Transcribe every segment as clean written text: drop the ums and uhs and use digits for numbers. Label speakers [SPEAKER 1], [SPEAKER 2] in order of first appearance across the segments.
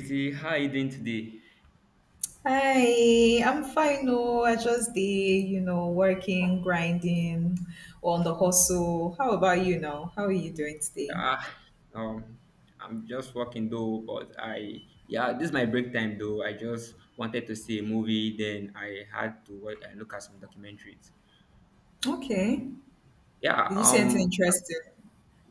[SPEAKER 1] Casey, how you doing today?
[SPEAKER 2] Hi, I'm fine. No, I just the you know, working, grinding, on the hustle. How about you now? How are you doing today?
[SPEAKER 1] Ah, um, I'm just working though, but this is my break time though. I just wanted to see a movie, then I had to look at some documentaries.
[SPEAKER 2] Okay.
[SPEAKER 1] Yeah,
[SPEAKER 2] Did you see anything
[SPEAKER 1] um,
[SPEAKER 2] interesting?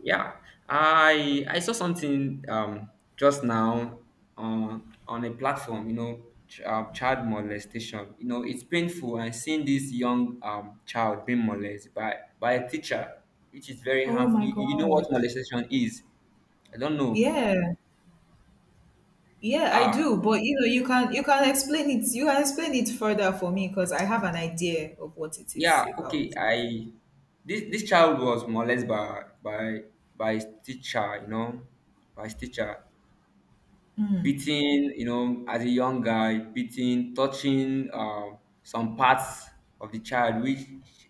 [SPEAKER 1] yeah, I saw something just now on a platform, you know, child molestation. You know, it's painful. And seeing this young child being molested by a teacher, which is very
[SPEAKER 2] Oh
[SPEAKER 1] harmful.
[SPEAKER 2] my
[SPEAKER 1] You know what
[SPEAKER 2] God.
[SPEAKER 1] molestation is, I don't know.
[SPEAKER 2] Yeah. Yeah, I
[SPEAKER 1] Ah,
[SPEAKER 2] do. But you know, you can explain it. You can explain it further for me because I have an idea of what it is
[SPEAKER 1] yeah,
[SPEAKER 2] about.
[SPEAKER 1] okay. I this this child was molested by his teacher, you know, by his teacher, beating, you know, as a young guy, beating, touching some parts of the child which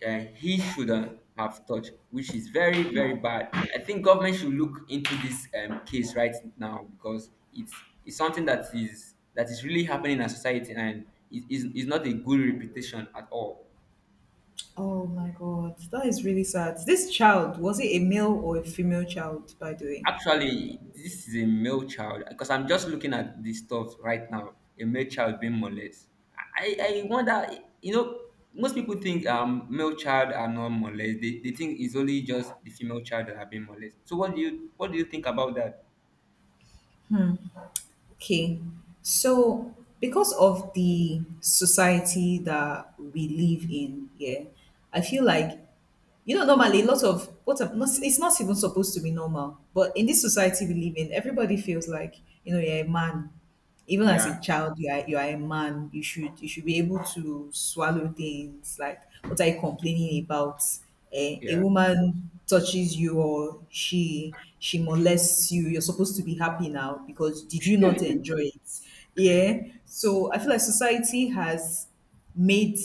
[SPEAKER 1] he shouldn't have touched, which is very bad. I think government should look into this case right now because it's something that is really happening in our society and is not a good reputation at all.
[SPEAKER 2] Oh my God, that is really sad. This child, was it a male or a female child, by the way?
[SPEAKER 1] Actually, this is a male child because I'm just looking at this stuff right now. A male child being molested. I wonder, you know, most people think male child are not molested. They think it's only just the female child that are being molested. So what do you think about that?
[SPEAKER 2] Okay. So, because of the society that we live in, yeah, I feel like you know, normally lots of not, it's not even supposed to be normal, but in this society we live in, everybody feels like you know, you're a man, even as a
[SPEAKER 1] Yeah,
[SPEAKER 2] child you are a man, you should be able to swallow things like, what are you complaining about? Eh, a
[SPEAKER 1] yeah,
[SPEAKER 2] woman touches you, or she molests you, you're supposed to be happy now because did you not enjoy it? Yeah, so I feel like society has made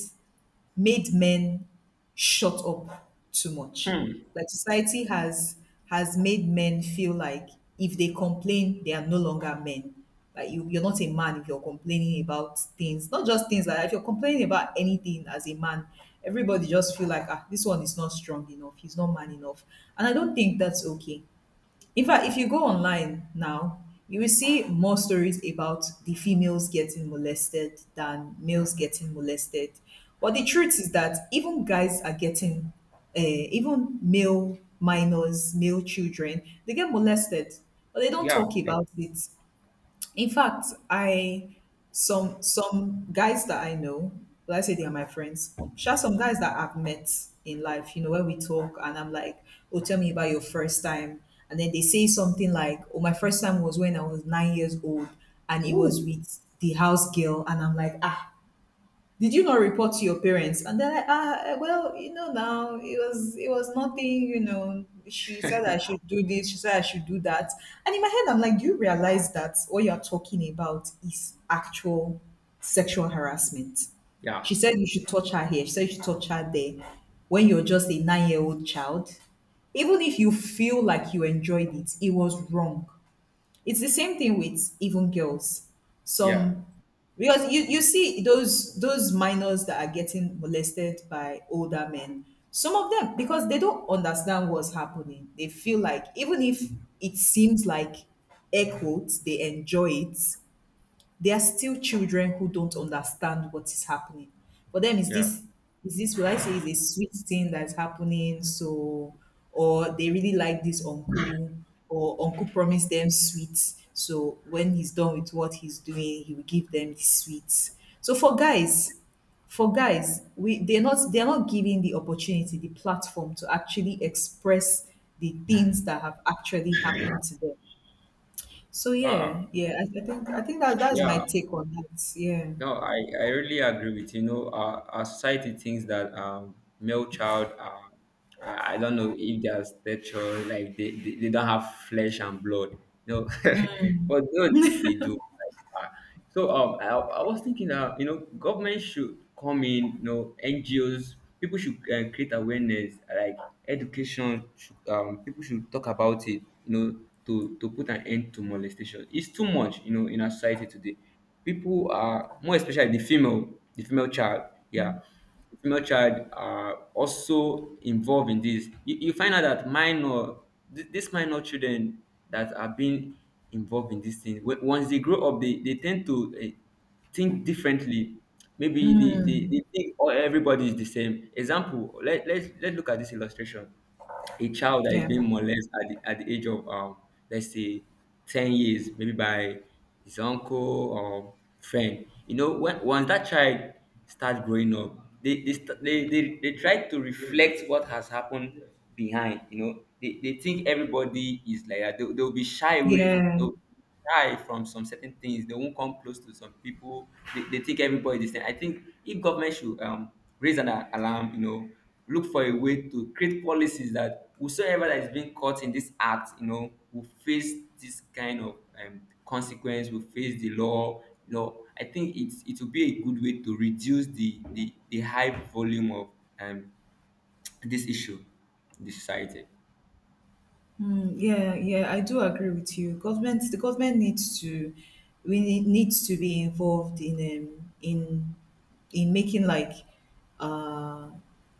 [SPEAKER 2] made men shut up too much.
[SPEAKER 1] hmm,
[SPEAKER 2] Like society has made men feel like if they complain, they are no longer men. Like you're not a man if you're complaining about things, not just things like that. If you're complaining about anything as a man, everybody just feel like, ah, this one is not strong enough, he's not man enough, and I don't think that's okay. In fact, if you go online now, you will see more stories about the females getting molested than males getting molested. But the truth is that even guys are getting, uh, even male minors, male children, they get molested, but they don't
[SPEAKER 1] yeah,
[SPEAKER 2] talk
[SPEAKER 1] yeah.
[SPEAKER 2] about it. In fact, I some guys that I know, will I say they are my friends, sure, some guys that I've met in life, you know, when we talk and I'm like, oh, tell me about your first time. And then they say something like, oh, my first time was when I was 9 years old and it was
[SPEAKER 1] Woo.
[SPEAKER 2] with the house girl, and I'm like, ah, did you not report to your parents? And they're like, ah, eh, well, you know now, it was nothing, you know, she said I should do this, she said I should do that. And in my head, I'm like, do you realize that what you're talking about is actual sexual harassment?
[SPEAKER 1] Yeah,
[SPEAKER 2] She said you should touch her here, she said you should touch her there, when you're just a 9 year old child. Even if you feel like you enjoyed it, it was wrong. It's the same thing with even girls,
[SPEAKER 1] yeah,
[SPEAKER 2] some, because you see those minors that are getting molested by older men, some of them, because they don't understand what's happening, they feel like, even if it seems like, air quotes, they enjoy it, there are still children who don't understand what is happening. For them, is
[SPEAKER 1] yeah,
[SPEAKER 2] this, is this what I say is a sweet thing that's happening? So, or they really like this uncle, or uncle promised them sweets. So when he's done with what he's doing, he will give them the sweets. So for guys, we, they're not giving the opportunity, the platform to actually express the things that have actually happened to them. So
[SPEAKER 1] uh-uh,
[SPEAKER 2] yeah, yeah, I think that that's my
[SPEAKER 1] yeah.
[SPEAKER 2] take on that. Yeah,
[SPEAKER 1] No, I really agree with you. You know, our society thinks that male child are, I don't know if their stature, like they don't have flesh and blood. You know, but no, they do. Like, so I was thinking that you know government should come in, you know, NGOs, people should create awareness, like education. Should, people should talk about it, you know, to put an end to molestation. It's too much, you know, in our society today. People are, more especially the female child. Yeah, female child are also involved in this. You find out that these minor children that are being involved in this thing when, once they grow up they tend to think differently, maybe they think all everybody is the same. Example, let's look at this illustration: a child that is
[SPEAKER 2] yeah,
[SPEAKER 1] being molested at the age of let's say 10 years maybe by his uncle or friend, you know, when once that child starts growing up they they try to reflect what has happened behind, you know. They think everybody is like that. They'll be shy away,
[SPEAKER 2] yeah,
[SPEAKER 1] shy from some certain things. They won't come close to some people. They think everybody is the same. I think if government should raise an alarm, you know, look for a way to create policies that whosoever that is being caught in this act, you know, will face this kind of consequence, will face the law. You know, I think it will be a good way to reduce the high volume of um, this issue in the society.
[SPEAKER 2] mm, yeah, yeah. I do agree with you. The government needs to, needs to be involved in um, in in making like uh,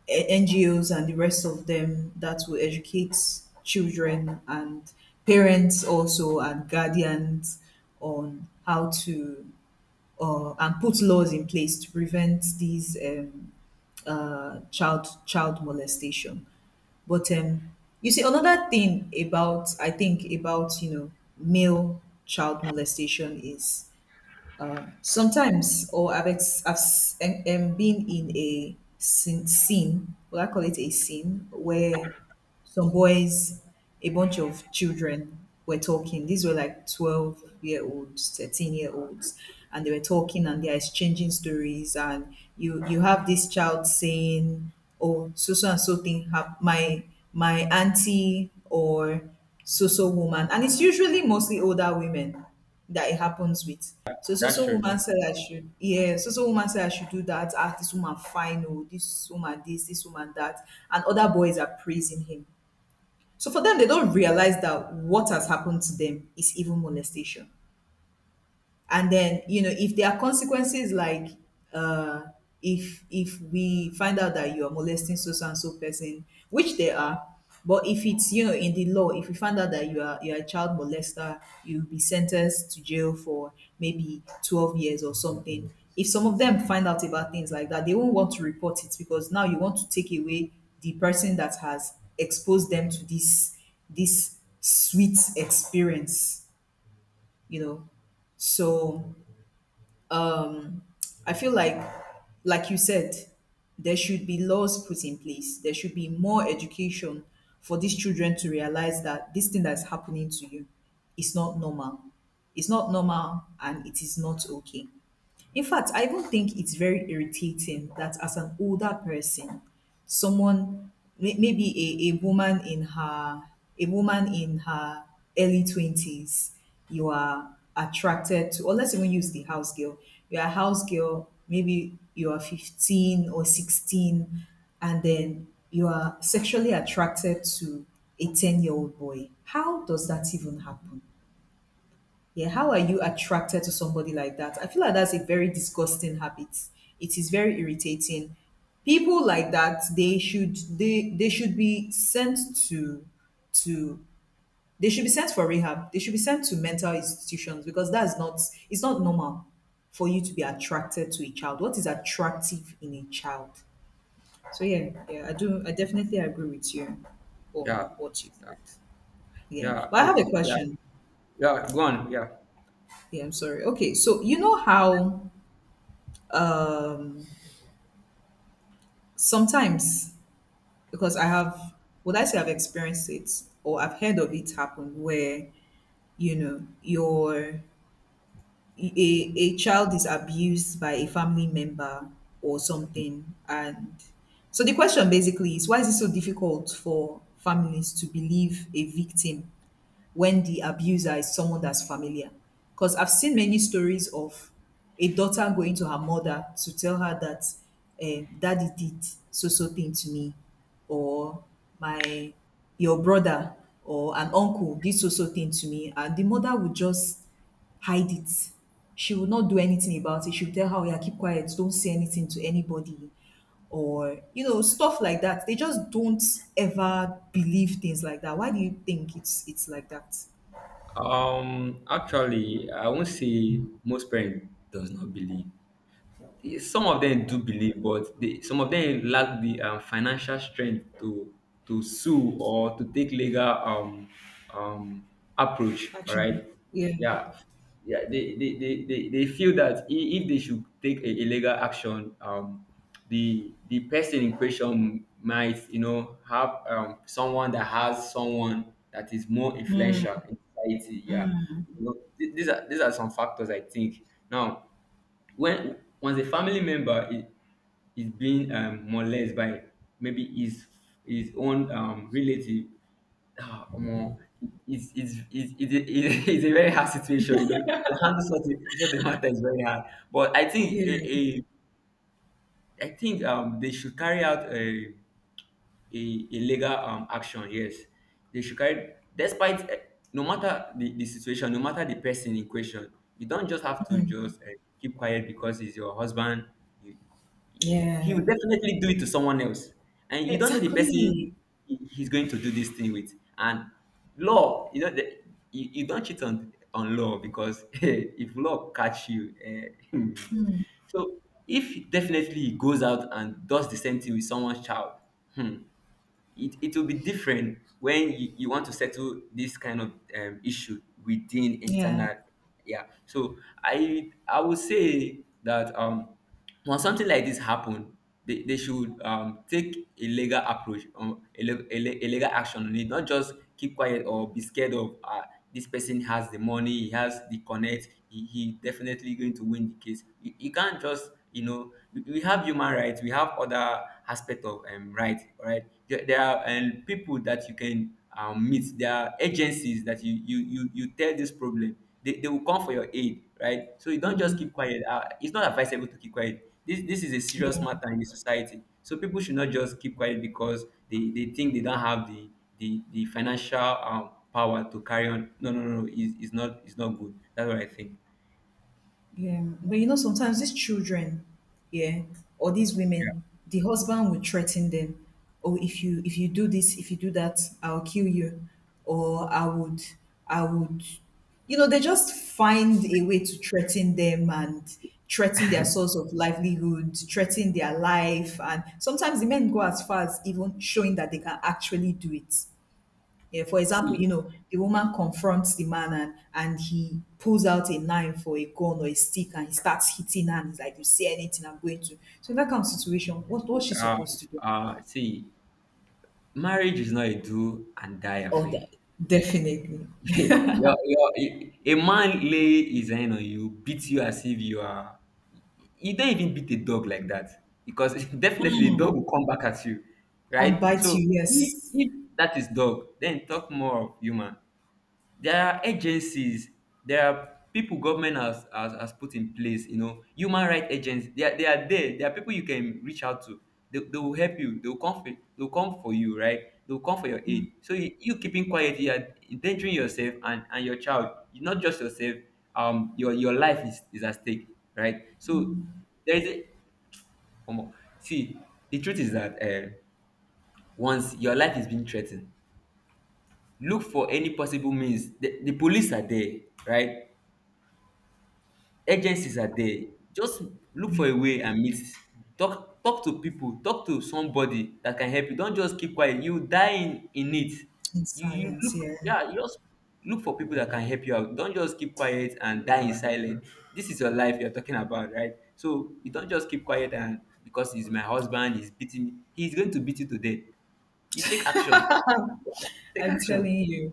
[SPEAKER 2] NGOs and the rest of them that will educate children and parents also and guardians on how to, or, and put laws in place to prevent these child molestation. But you see, another thing about I think about, you know, male child molestation is, sometimes, or I've been in a scene, well, I call it a scene where some boys, a bunch of children were talking. These were like 12-year-olds, 13-year-olds, and they were talking and they're exchanging stories. And you have this child saying, oh, so so and so thing, my auntie or so so woman. And it's usually mostly older women that it happens with. So so
[SPEAKER 1] That's
[SPEAKER 2] so
[SPEAKER 1] true.
[SPEAKER 2] woman
[SPEAKER 1] That's,
[SPEAKER 2] said I should yeah, so so woman said I should do that. Ah, this woman fine, oh, this woman this, this woman that, and other boys are praising him. So for them, they don't realize that what has happened to them is even molestation. And then, you know, if there are consequences, like, uh if we find out that you are molesting so so and so person, which there are, but if it's, you know, in the law, if we find out that you are a child molester, you'll be sentenced to jail for maybe 12 years or something. If some of them find out about things like that, they won't want to report it, because now you want to take away the person that has exposed them to this, this sweet experience, you know. So I feel like you said, there should be laws put in place. There should be more education for these children to realize that this thing that's happening to you is not normal. It's not normal, and it is not okay. In fact, I even think it's very irritating that as an older person, someone, maybe a woman in her, a woman in her early 20s, you are attracted to, or let's even use the house girl. You're a house girl, maybe you are 15 or 16, and then you are sexually attracted to a 10 year old boy. How does that even happen? Yeah, how are you attracted to somebody like that? I feel like that's a very disgusting habit. It is very irritating. People like that, they should be sent to, to they should be sent for rehab. They should be sent to mental institutions, because that's not, it's not normal for you to be attracted to a child. What is attractive in a child? So yeah, yeah, I definitely agree with you
[SPEAKER 1] yeah,
[SPEAKER 2] on what you said. Yeah.
[SPEAKER 1] yeah,
[SPEAKER 2] But
[SPEAKER 1] I,
[SPEAKER 2] I have a
[SPEAKER 1] yeah,
[SPEAKER 2] question.
[SPEAKER 1] yeah. Go on. Yeah.
[SPEAKER 2] Yeah, I'm sorry. Okay, so you know how, Um, sometimes, because I have, would I say I've experienced it, or I've heard of it happen where, you know, your a child is abused by a family member or something. And so the question basically is, why is it so difficult for families to believe a victim when the abuser is someone that's familiar? Because I've seen many stories of a daughter going to her mother to tell her that, daddy did so so thing to me, or my your brother or an uncle did so so thing to me, and the mother would just hide it. She will not do anything about it. She'll tell her, oh yeah, keep quiet, don't say anything to anybody, or you know, stuff like that. They just don't ever believe things like that. Why do you think it's like that?
[SPEAKER 1] Actually, I won't say most parents does not believe, yeah, some of them do believe, but they, some of them lack the financial strength to sue or to take legal um approach. All
[SPEAKER 2] Action.
[SPEAKER 1] right,
[SPEAKER 2] Yeah.
[SPEAKER 1] yeah, yeah. They feel that if they should take a legal action, the person in question might, you know, have someone that has someone that is more influential in society. Yeah, you know, these are some factors I think. Now, when once a family member is being molested by maybe his own relative, ah, omo, it's a very hard situation, you know. To handle such a, such a matter is very hard. But I think
[SPEAKER 2] Yeah,
[SPEAKER 1] I think they should carry out a, a legal action. Yes, they should carry. Despite eh, no matter the situation, no matter the person in question, you don't just have to just keep quiet because he's your husband. You, he
[SPEAKER 2] yeah.
[SPEAKER 1] will definitely do it to someone else. And you don't know the
[SPEAKER 2] Exactly.
[SPEAKER 1] person he's going to do this thing with. And law, you know, the, you don't cheat on law because if law catch you, eh, so if definitely he goes out and does the same thing with someone's child, hmm, it will be different when you want to settle this kind of issue within
[SPEAKER 2] Yeah,
[SPEAKER 1] internal. Yeah, so I would say that when something like this happen, they should take a legal approach, a legal action on it, not just keep quiet or be scared of this person has the money, he has the connect, he definitely going to win the case. You can't just, you know, we have human rights, we have other aspect of right, right? There are people that you can meet, there are agencies that you tell this problem, they will come for your aid, right? So you don't just keep quiet. It's not advisable to keep quiet. This is a serious
[SPEAKER 2] yeah.
[SPEAKER 1] matter in the society. So people should not just keep quiet because they think they don't have the the financial power to carry on. No, no, no, no. It's not good. That's what I think.
[SPEAKER 2] Yeah, but you know, sometimes these children, yeah, or these
[SPEAKER 1] Yeah.
[SPEAKER 2] women, the husband will threaten them. Oh, if you, if you do this, if you do that, I'll kill you, or I would, you know, they just find a way to threaten them and threaten their source of livelihood, threaten their life. And sometimes the men go as far as even showing that they can actually do it. Yeah, for example,
[SPEAKER 1] See,
[SPEAKER 2] you know, the woman confronts the man and he pulls out a knife or a gun or a stick and he starts hitting her, and he's like, you say anything, I'm going to. So, in that kind of situation, what what's she
[SPEAKER 1] uh,
[SPEAKER 2] supposed to do?
[SPEAKER 1] see, marriage is not a do and die
[SPEAKER 2] Oh,
[SPEAKER 1] affair.
[SPEAKER 2] the, definitely.
[SPEAKER 1] your, your, a man lay his hand on you, beat you as if you are, you don't even beat a dog like that because definitely the dog will come back at you,
[SPEAKER 2] And
[SPEAKER 1] right?
[SPEAKER 2] bite
[SPEAKER 1] So
[SPEAKER 2] you, yes.
[SPEAKER 1] if that is dog, then talk more of human. There are agencies, there are people government has, has put in place, you know, human rights agents, they are there. There are people you can reach out to. They will help you. They will come for, they'll come for you, right? They'll come for your aid. So you keeping quiet, you are endangering yourself and your child. You- Not just yourself, your life is at stake, right? So there is a, come on. See, the truth is that once your life is being threatened, look for any possible means. The police are there, right? Agencies are there. Just look
[SPEAKER 2] Yeah.
[SPEAKER 1] for a way and meet, talk to people, talk to somebody that can help you. Don't just keep quiet, you die in it.
[SPEAKER 2] In
[SPEAKER 1] you you
[SPEAKER 2] silence,
[SPEAKER 1] look
[SPEAKER 2] yeah.
[SPEAKER 1] yeah you just look for people that can help you out. Don't just keep quiet and die in silence. This is your life you're talking about, right? So you don't just keep quiet and because he's my husband he's beating me, he's going to beat you to death. You take action. Take
[SPEAKER 2] I'm
[SPEAKER 1] action.
[SPEAKER 2] telling you.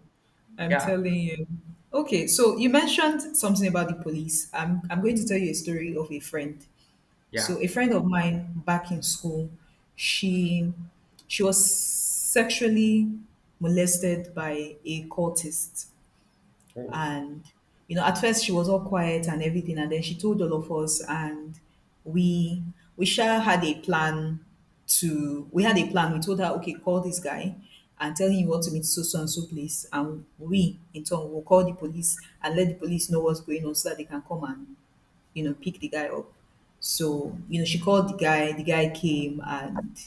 [SPEAKER 2] I'm
[SPEAKER 1] Yeah,
[SPEAKER 2] telling you. Okay, so you mentioned something about the police. I'm going to tell you a story of a friend.
[SPEAKER 1] yeah,
[SPEAKER 2] So a friend of mine back in school, she she was sexually molested by a cultist.
[SPEAKER 1] oh,
[SPEAKER 2] And, you know, at first she was all quiet and everything. And then she told all of us, and we, we sure had a plan we had a plan. We told her, okay, call this guy and tell him you want to meet so, so and so place. And we, in turn, will call the police and let the police know what's going on so that they can come and, you know, pick the guy up. So, you know, she called the guy came and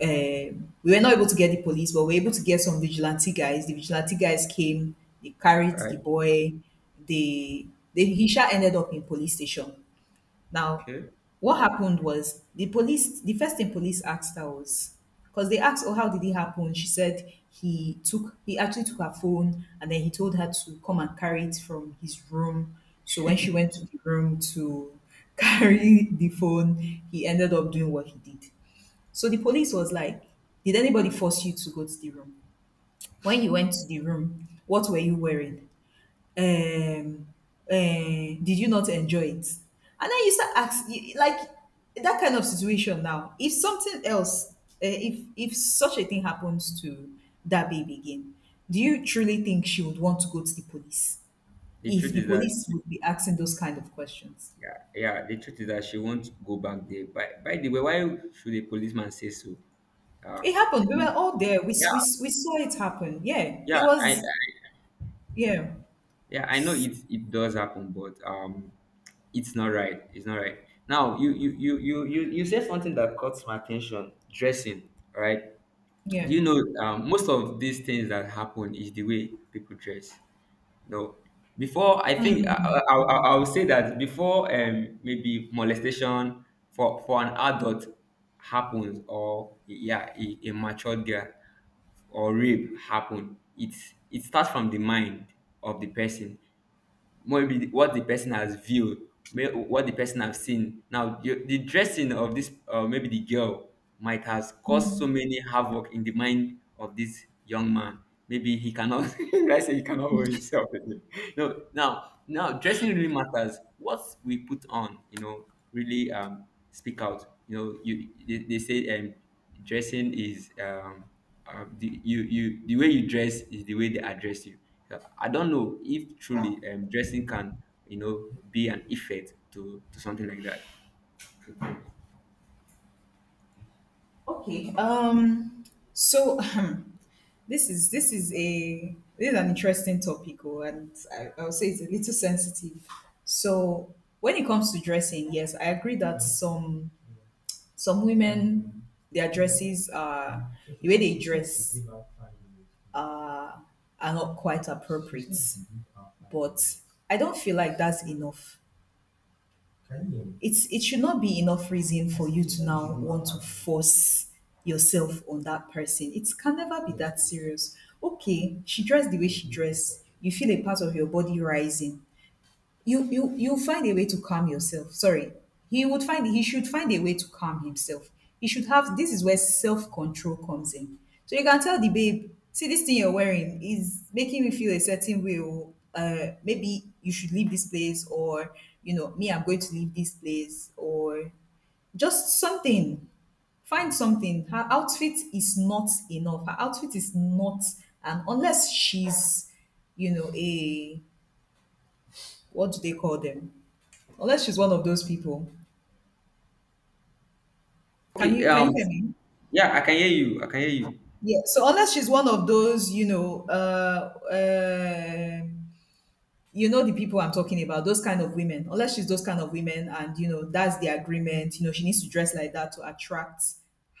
[SPEAKER 2] we were not able to get the police, but we were able to get some vigilante guys. The vigilante guys came, they carried
[SPEAKER 1] all
[SPEAKER 2] the
[SPEAKER 1] right,
[SPEAKER 2] boy. They, they he ended up in police station. Now,
[SPEAKER 1] okay.
[SPEAKER 2] what happened was the police. The first thing police asked her was because they asked, "Oh, how did it happen?" She said he actually took her phone and then he told her to come and carry it from his room. So when she went to the room to carry the phone, he ended up doing what he did. So the police was like, did anybody force you to go to the room? When you went to the room, what were you wearing? Um, did you not enjoy it? And then you start asking, like, that kind of situation now. If something else, if such a thing happens to that baby again, do you truly think she would want to go to the police?
[SPEAKER 1] The
[SPEAKER 2] If
[SPEAKER 1] truth
[SPEAKER 2] the
[SPEAKER 1] is that,
[SPEAKER 2] police would be asking those kind of questions,
[SPEAKER 1] yeah, yeah. The truth is that she won't go back there. By the way, why should a policeman say so? Uh,
[SPEAKER 2] it happened. We
[SPEAKER 1] the-
[SPEAKER 2] were all there.
[SPEAKER 1] yeah,
[SPEAKER 2] We saw it happen. Yeah,
[SPEAKER 1] yeah,
[SPEAKER 2] it was.
[SPEAKER 1] I
[SPEAKER 2] Yeah,
[SPEAKER 1] yeah, I know it it does happen, but it's not right. It's not right. Now, you said something that caught my attention. Dressing, right? Do
[SPEAKER 2] yeah.
[SPEAKER 1] you know most of these things that happen is the way people dress. No, before I think I would say that before maybe molestation for an adult happens, or yeah, a mature girl or rape happen, it starts from the mind of the person, maybe what the person has viewed, may- what the person have seen. Now the dressing of this, maybe the girl, might has caused so many havoc in the mind of this young man. Maybe he cannot I say he cannot hold himself again. No, now now dressing really matters. What we put on, you know, really speak out, you know. You they say dressing is the you you the way you dress is the way they address you. So I don't know if truly dressing can, you know, be an effect to something like that.
[SPEAKER 2] Okay. So this is an interesting topic, oh, and I'll say it's a little sensitive. So when it comes to dressing, yes, I agree that some women their dresses are the way they dress uh, are not quite appropriate, but I don't feel like that's enough. It's it should not be enough reason for you to now want to force yourself on that person. It can never be that serious. Okay, she dressed the way she dressed. You feel a part of your body rising, you find a way to calm yourself, sorry, he should find a way to calm himself. He should have, this is where self-control comes in. So you can tell the babe, see this thing you're wearing is making me feel a certain way, or maybe you should leave this place, or you know me, I'm going to leave this place, or just something. Find something. Her outfit is not enough. Her outfit is not. And unless she's, you know, a, what do they call them, unless she's one of those people. Can
[SPEAKER 1] Okay,
[SPEAKER 2] you can you hear me?
[SPEAKER 1] yeah, I can hear you. I can hear you.
[SPEAKER 2] Yeah. So unless she's one of those, um you know the people I'm talking about, those kind of women. Unless she's those kind of women, and you know that's the agreement. You know she needs to dress like that to attract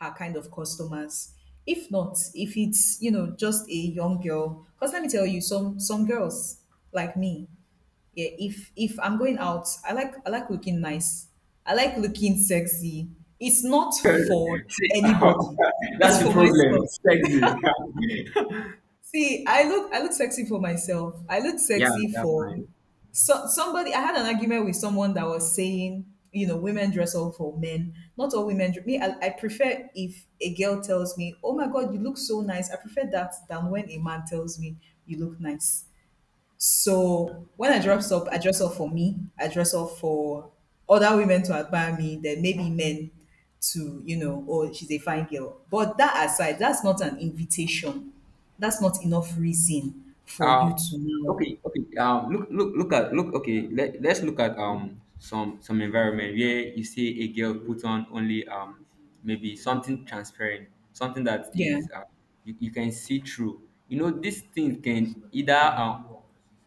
[SPEAKER 2] her kind of customers. If not, if it's you know just a young girl, because let me tell you, some girls like me, yeah. If I'm going out, I like looking nice. I like looking sexy. It's not for
[SPEAKER 1] See,
[SPEAKER 2] anybody. It's
[SPEAKER 1] that's the
[SPEAKER 2] for
[SPEAKER 1] problem.
[SPEAKER 2] myself.
[SPEAKER 1] Sexy.
[SPEAKER 2] See, I look sexy for myself. I look
[SPEAKER 1] yeah,
[SPEAKER 2] sexy
[SPEAKER 1] that's
[SPEAKER 2] for
[SPEAKER 1] fine.
[SPEAKER 2] so somebody. I had an argument with someone that was saying, you know, women dress up for men. Not all women. Me, I prefer if a girl tells me, "Oh my God, you look so nice." I prefer that than when a man tells me, "You look nice." So when I dress up for me. I dress up for other women to admire me. Then maybe men to, you know, oh she's a fine girl. But that aside, that's not an invitation. That's not enough reason for you
[SPEAKER 1] Um,
[SPEAKER 2] to know.
[SPEAKER 1] okay, okay. Look, look, look at look. Okay, let's look at some environment where you see a girl put on only maybe something transparent, something that
[SPEAKER 2] Yeah.
[SPEAKER 1] is you can see through. You know, these things can either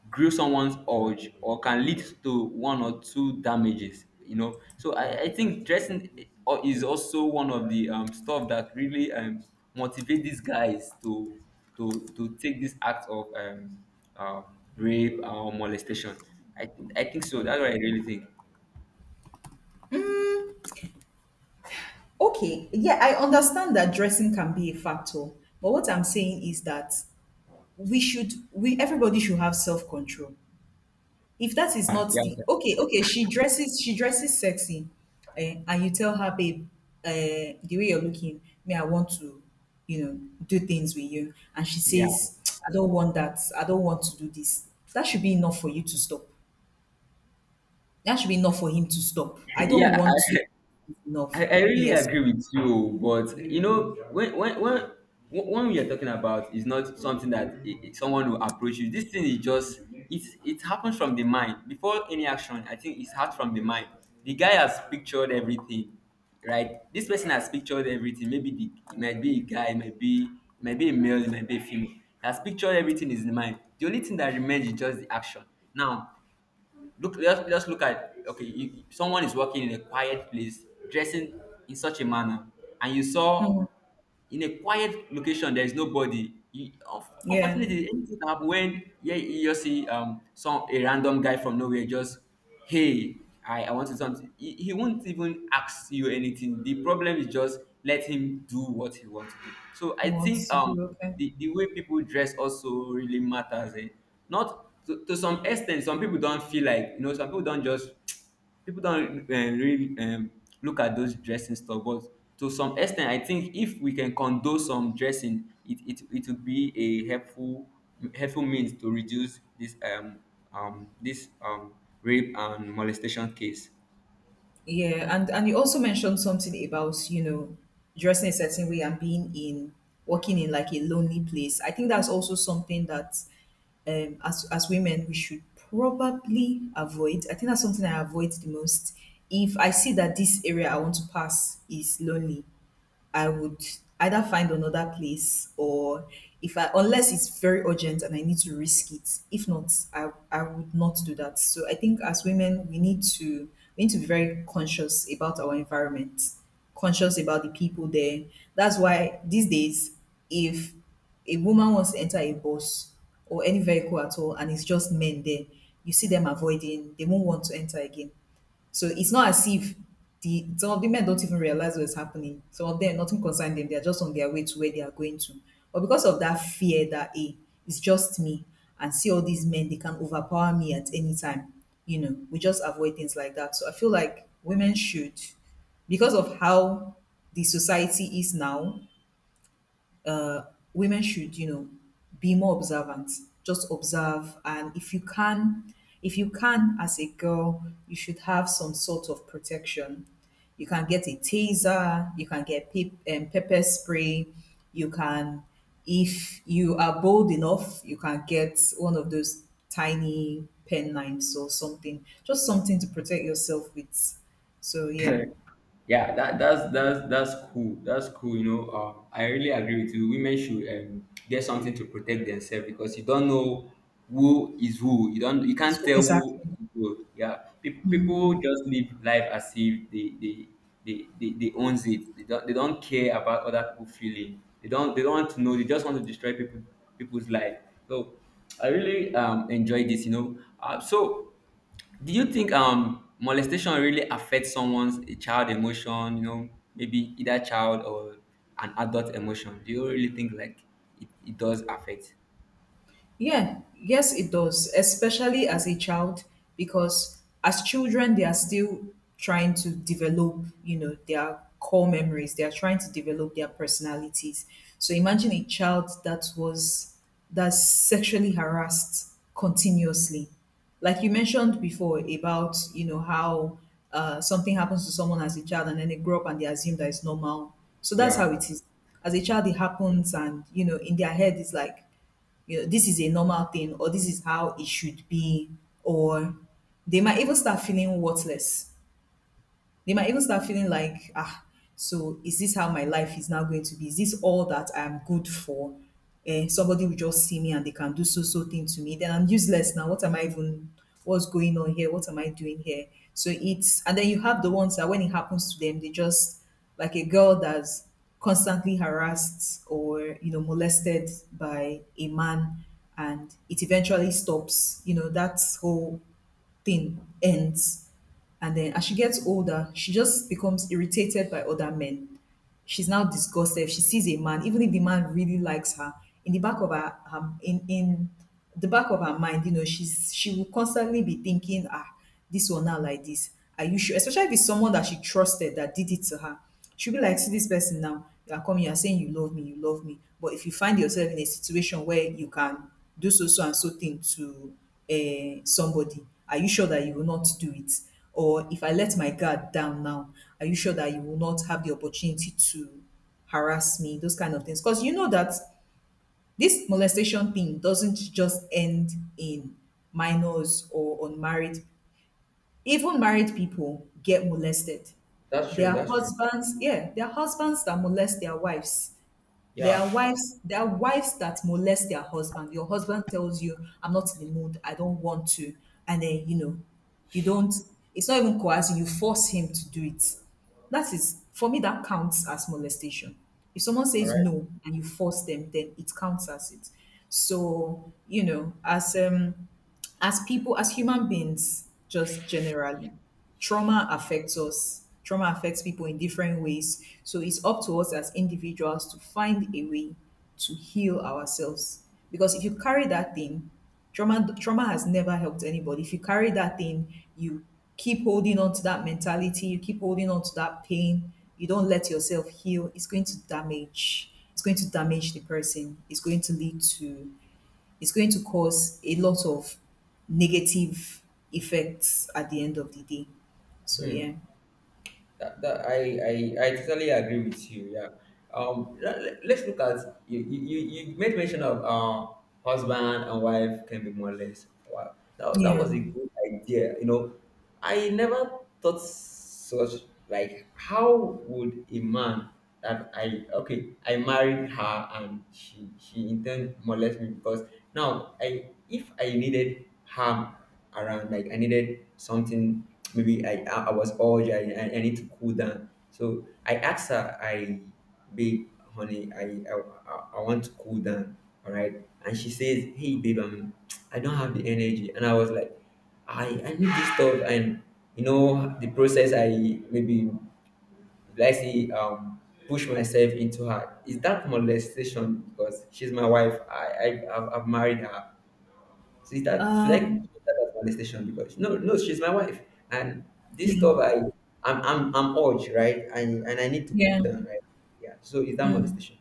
[SPEAKER 1] grill someone's urge or can lead to one or two damages, so I think dressing is also one of the stuff that really motivate these guys to to take this act of um, rape or molestation. I think so. That's what I really think.
[SPEAKER 2] Okay, yeah, I understand that dressing can be a factor, but what I'm saying is that we everybody should have self control. If that is
[SPEAKER 1] Ah,
[SPEAKER 2] not
[SPEAKER 1] yeah,
[SPEAKER 2] the, okay
[SPEAKER 1] sir.
[SPEAKER 2] okay, she dresses, she dresses sexy, and you tell her, babe, uh, the way you're looking me, I want to, you know, do things with you, and she
[SPEAKER 1] Yeah,
[SPEAKER 2] says, I don't want that, I don't want to do this. That should be enough for you to stop. That should be enough for him to stop. I don't
[SPEAKER 1] yeah,
[SPEAKER 2] want
[SPEAKER 1] I,
[SPEAKER 2] to enough.
[SPEAKER 1] I really
[SPEAKER 2] Yes.
[SPEAKER 1] agree with you, but you know, when we are talking about is not something that someone will approach you. This thing is just it happens from the mind before any action. I think it's hard from the mind. The guy has pictured everything, right? This person has pictured everything. Maybe the it might be a guy, it might be a male, it might be a female. He has pictured everything, is in the mind. The only thing that remains is just the action. Now, look, just look at, okay, you, someone is walking in a quiet place, dressing in such a manner, and you saw,
[SPEAKER 2] Mm,
[SPEAKER 1] in a quiet location there is nobody. You,
[SPEAKER 2] yeah,
[SPEAKER 1] unfortunately anything can happen when, yeah, you just see some a random guy from nowhere just, hey, I want to do something. He won't even ask you anything. The problem is just let him do what he wants to do. So I
[SPEAKER 2] he wants
[SPEAKER 1] think
[SPEAKER 2] to do, okay.
[SPEAKER 1] the way people dress also really matters, eh? Not to some extent some people don't feel like, you know, some people don't just people don really look at those dressing stuff, but to some extent, I think if we can condone some dressing it would be a helpful, helpful means to reduce this this rape and molestation case.
[SPEAKER 2] Yeah, and you also mentioned something about, you know, dressing a certain way and being in working in like a lonely place. I think that's also something that as women we should probably avoid. I think that's something I avoid the most. If I see that this area I want to pass is lonely, I would either find another place or if, I unless it's very urgent and I need to risk it. If not, I would not do that. So I think as women we need to be very conscious about our environment, conscious about the people there. That's why these days if a woman wants to enter a bus or any vehicle at all and it's just men there, you see them avoiding, they won't want to enter again. So it's not as if the some of the men don't even realize what's happening. Some of them nothing concerns them. They are just on their way to where they are going to. But because of that fear that a it's just me and see all these men, they can overpower me at any time. You know, we just avoid things like that. So I feel like women should, because of how the society is now, uh, women should you know be more observant, just observe, and if you can, if you can as a girl you should have some sort of protection. You can get a taser, you can get pepper spray. You can, if you are bold enough, you can get one of those tiny pen knives or something, just something to protect yourself with. So yeah,
[SPEAKER 1] Yeah, that's cool, that's cool, you know. I really agree with you, women should, get something to protect themselves because you don't know who is who. You don't, you
[SPEAKER 2] it's
[SPEAKER 1] can't tell who
[SPEAKER 2] exactly.
[SPEAKER 1] is who. Yeah. People just live life as if they owns it. They don't care about other people feeling. They don't want to know. They just want to destroy people, people's life. So I really enjoy this, you know. So do you think molestation really affects someone's, a child emotion, you know, maybe either child or an adult emotion? Do you really think like it does affect?
[SPEAKER 2] Yeah, yes, it does, especially as a child, because as children, they are still trying to develop, you know, their core memories. They are trying to develop their personalities. So imagine a child that's sexually harassed continuously. Like you mentioned before about, you know, how something happens to someone as a child and then they grow up and they assume that it's normal. So that's
[SPEAKER 1] Yeah,
[SPEAKER 2] how it is. As a child, it happens, and, you know, in their head, it's like, you know, this is a normal thing or this is how it should be, or they might even start feeling worthless. They might even start feeling like, ah, so is this how my life is now going to be? Is this all that I'm good for? And somebody will just see me and they can do so so thing to me. Then I'm useless now. What am I even? What's going on here? What am I doing here? So it's, and then you have the ones that when it happens to them, they just, like a girl that's constantly harassed or you know molested by a man, and it eventually stops, you know, that's whole thing ends. And then as she gets older, she just becomes irritated by other men. She's now disgusted. She sees a man, even if the man really likes her, in the back of her mind, you know, she will constantly be thinking, ah, this one now like this. Are you sure? Especially if it's someone that she trusted that did it to her. She'll be like, see this person now. You are coming, you are saying you love me, you love me. But if you find yourself in a situation where you can do so so and so thing to somebody, are you sure that you will not do it? Or if I let my guard down now, are you sure that you will not have the opportunity to harass me? Those kind of things. Because you know that this molestation thing doesn't just end in minors or unmarried, even married people get molested.
[SPEAKER 1] that's
[SPEAKER 2] There
[SPEAKER 1] true.
[SPEAKER 2] are
[SPEAKER 1] That's true.
[SPEAKER 2] husbands, yeah, there are husbands that molest their wives. There
[SPEAKER 1] Yeah.
[SPEAKER 2] are wives, there are wives that molest their husband. Your husband tells you, I'm not in the mood, I don't want to. And then, you know, you don't, it's not even coercing, you force him to do it. That is, for me, that counts as molestation. If someone says no and you force them, then it counts as it. So, you know, as people as human beings just generally, trauma affects us, trauma affects people in different ways, so it's up to us as individuals to find a way to heal ourselves, because if you carry that thing, trauma has never helped anybody. If you carry that thing, you keep holding on to that mentality, you keep holding on to that pain, you don't let yourself heal, it's going to damage, it's going to damage the person, it's going to lead to, it's going to cause a lot of negative effects at the end of the day. So
[SPEAKER 1] Hmm.
[SPEAKER 2] yeah,
[SPEAKER 1] That, that I, I I totally agree with you. Yeah. Let us look at you. You made mention of husband and wife can be more or less. Wow, that, that
[SPEAKER 2] yeah,
[SPEAKER 1] was a good idea. You know, I never thought such, like how would a man that, I, okay, I married her and she in turn molest me. Because now I, if I needed harm around, like I needed something, maybe I was urged, I need to cool down, so I asked her, I, babe, honey, I want to cool down, all right? And she says, hey, babe, I don't have the energy. And I was like, I need this stuff. And, you know, the process, I maybe, let's say, push myself into her. Is that molestation? Because she's my wife. I've married her. So is that, should I
[SPEAKER 2] um,
[SPEAKER 1] put that as molestation? Because, no, no, she's my wife. And this
[SPEAKER 2] you
[SPEAKER 1] stuff,
[SPEAKER 2] know,
[SPEAKER 1] I, I'm urge, right? And I need to cool
[SPEAKER 2] yeah.
[SPEAKER 1] down, right? Yeah. So is that
[SPEAKER 2] Mm.
[SPEAKER 1] molestation?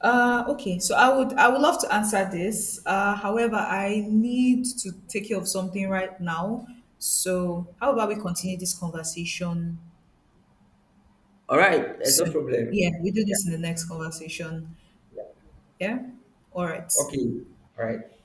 [SPEAKER 2] Okay, so I would love to answer this. However, I need to take care of something right now. So how about we continue this conversation
[SPEAKER 1] All right, there's no
[SPEAKER 2] soon?
[SPEAKER 1] problem.
[SPEAKER 2] Yeah, we do
[SPEAKER 1] Yeah,
[SPEAKER 2] this in the next conversation.
[SPEAKER 1] yeah.
[SPEAKER 2] Yeah. All right.
[SPEAKER 1] Okay. All right.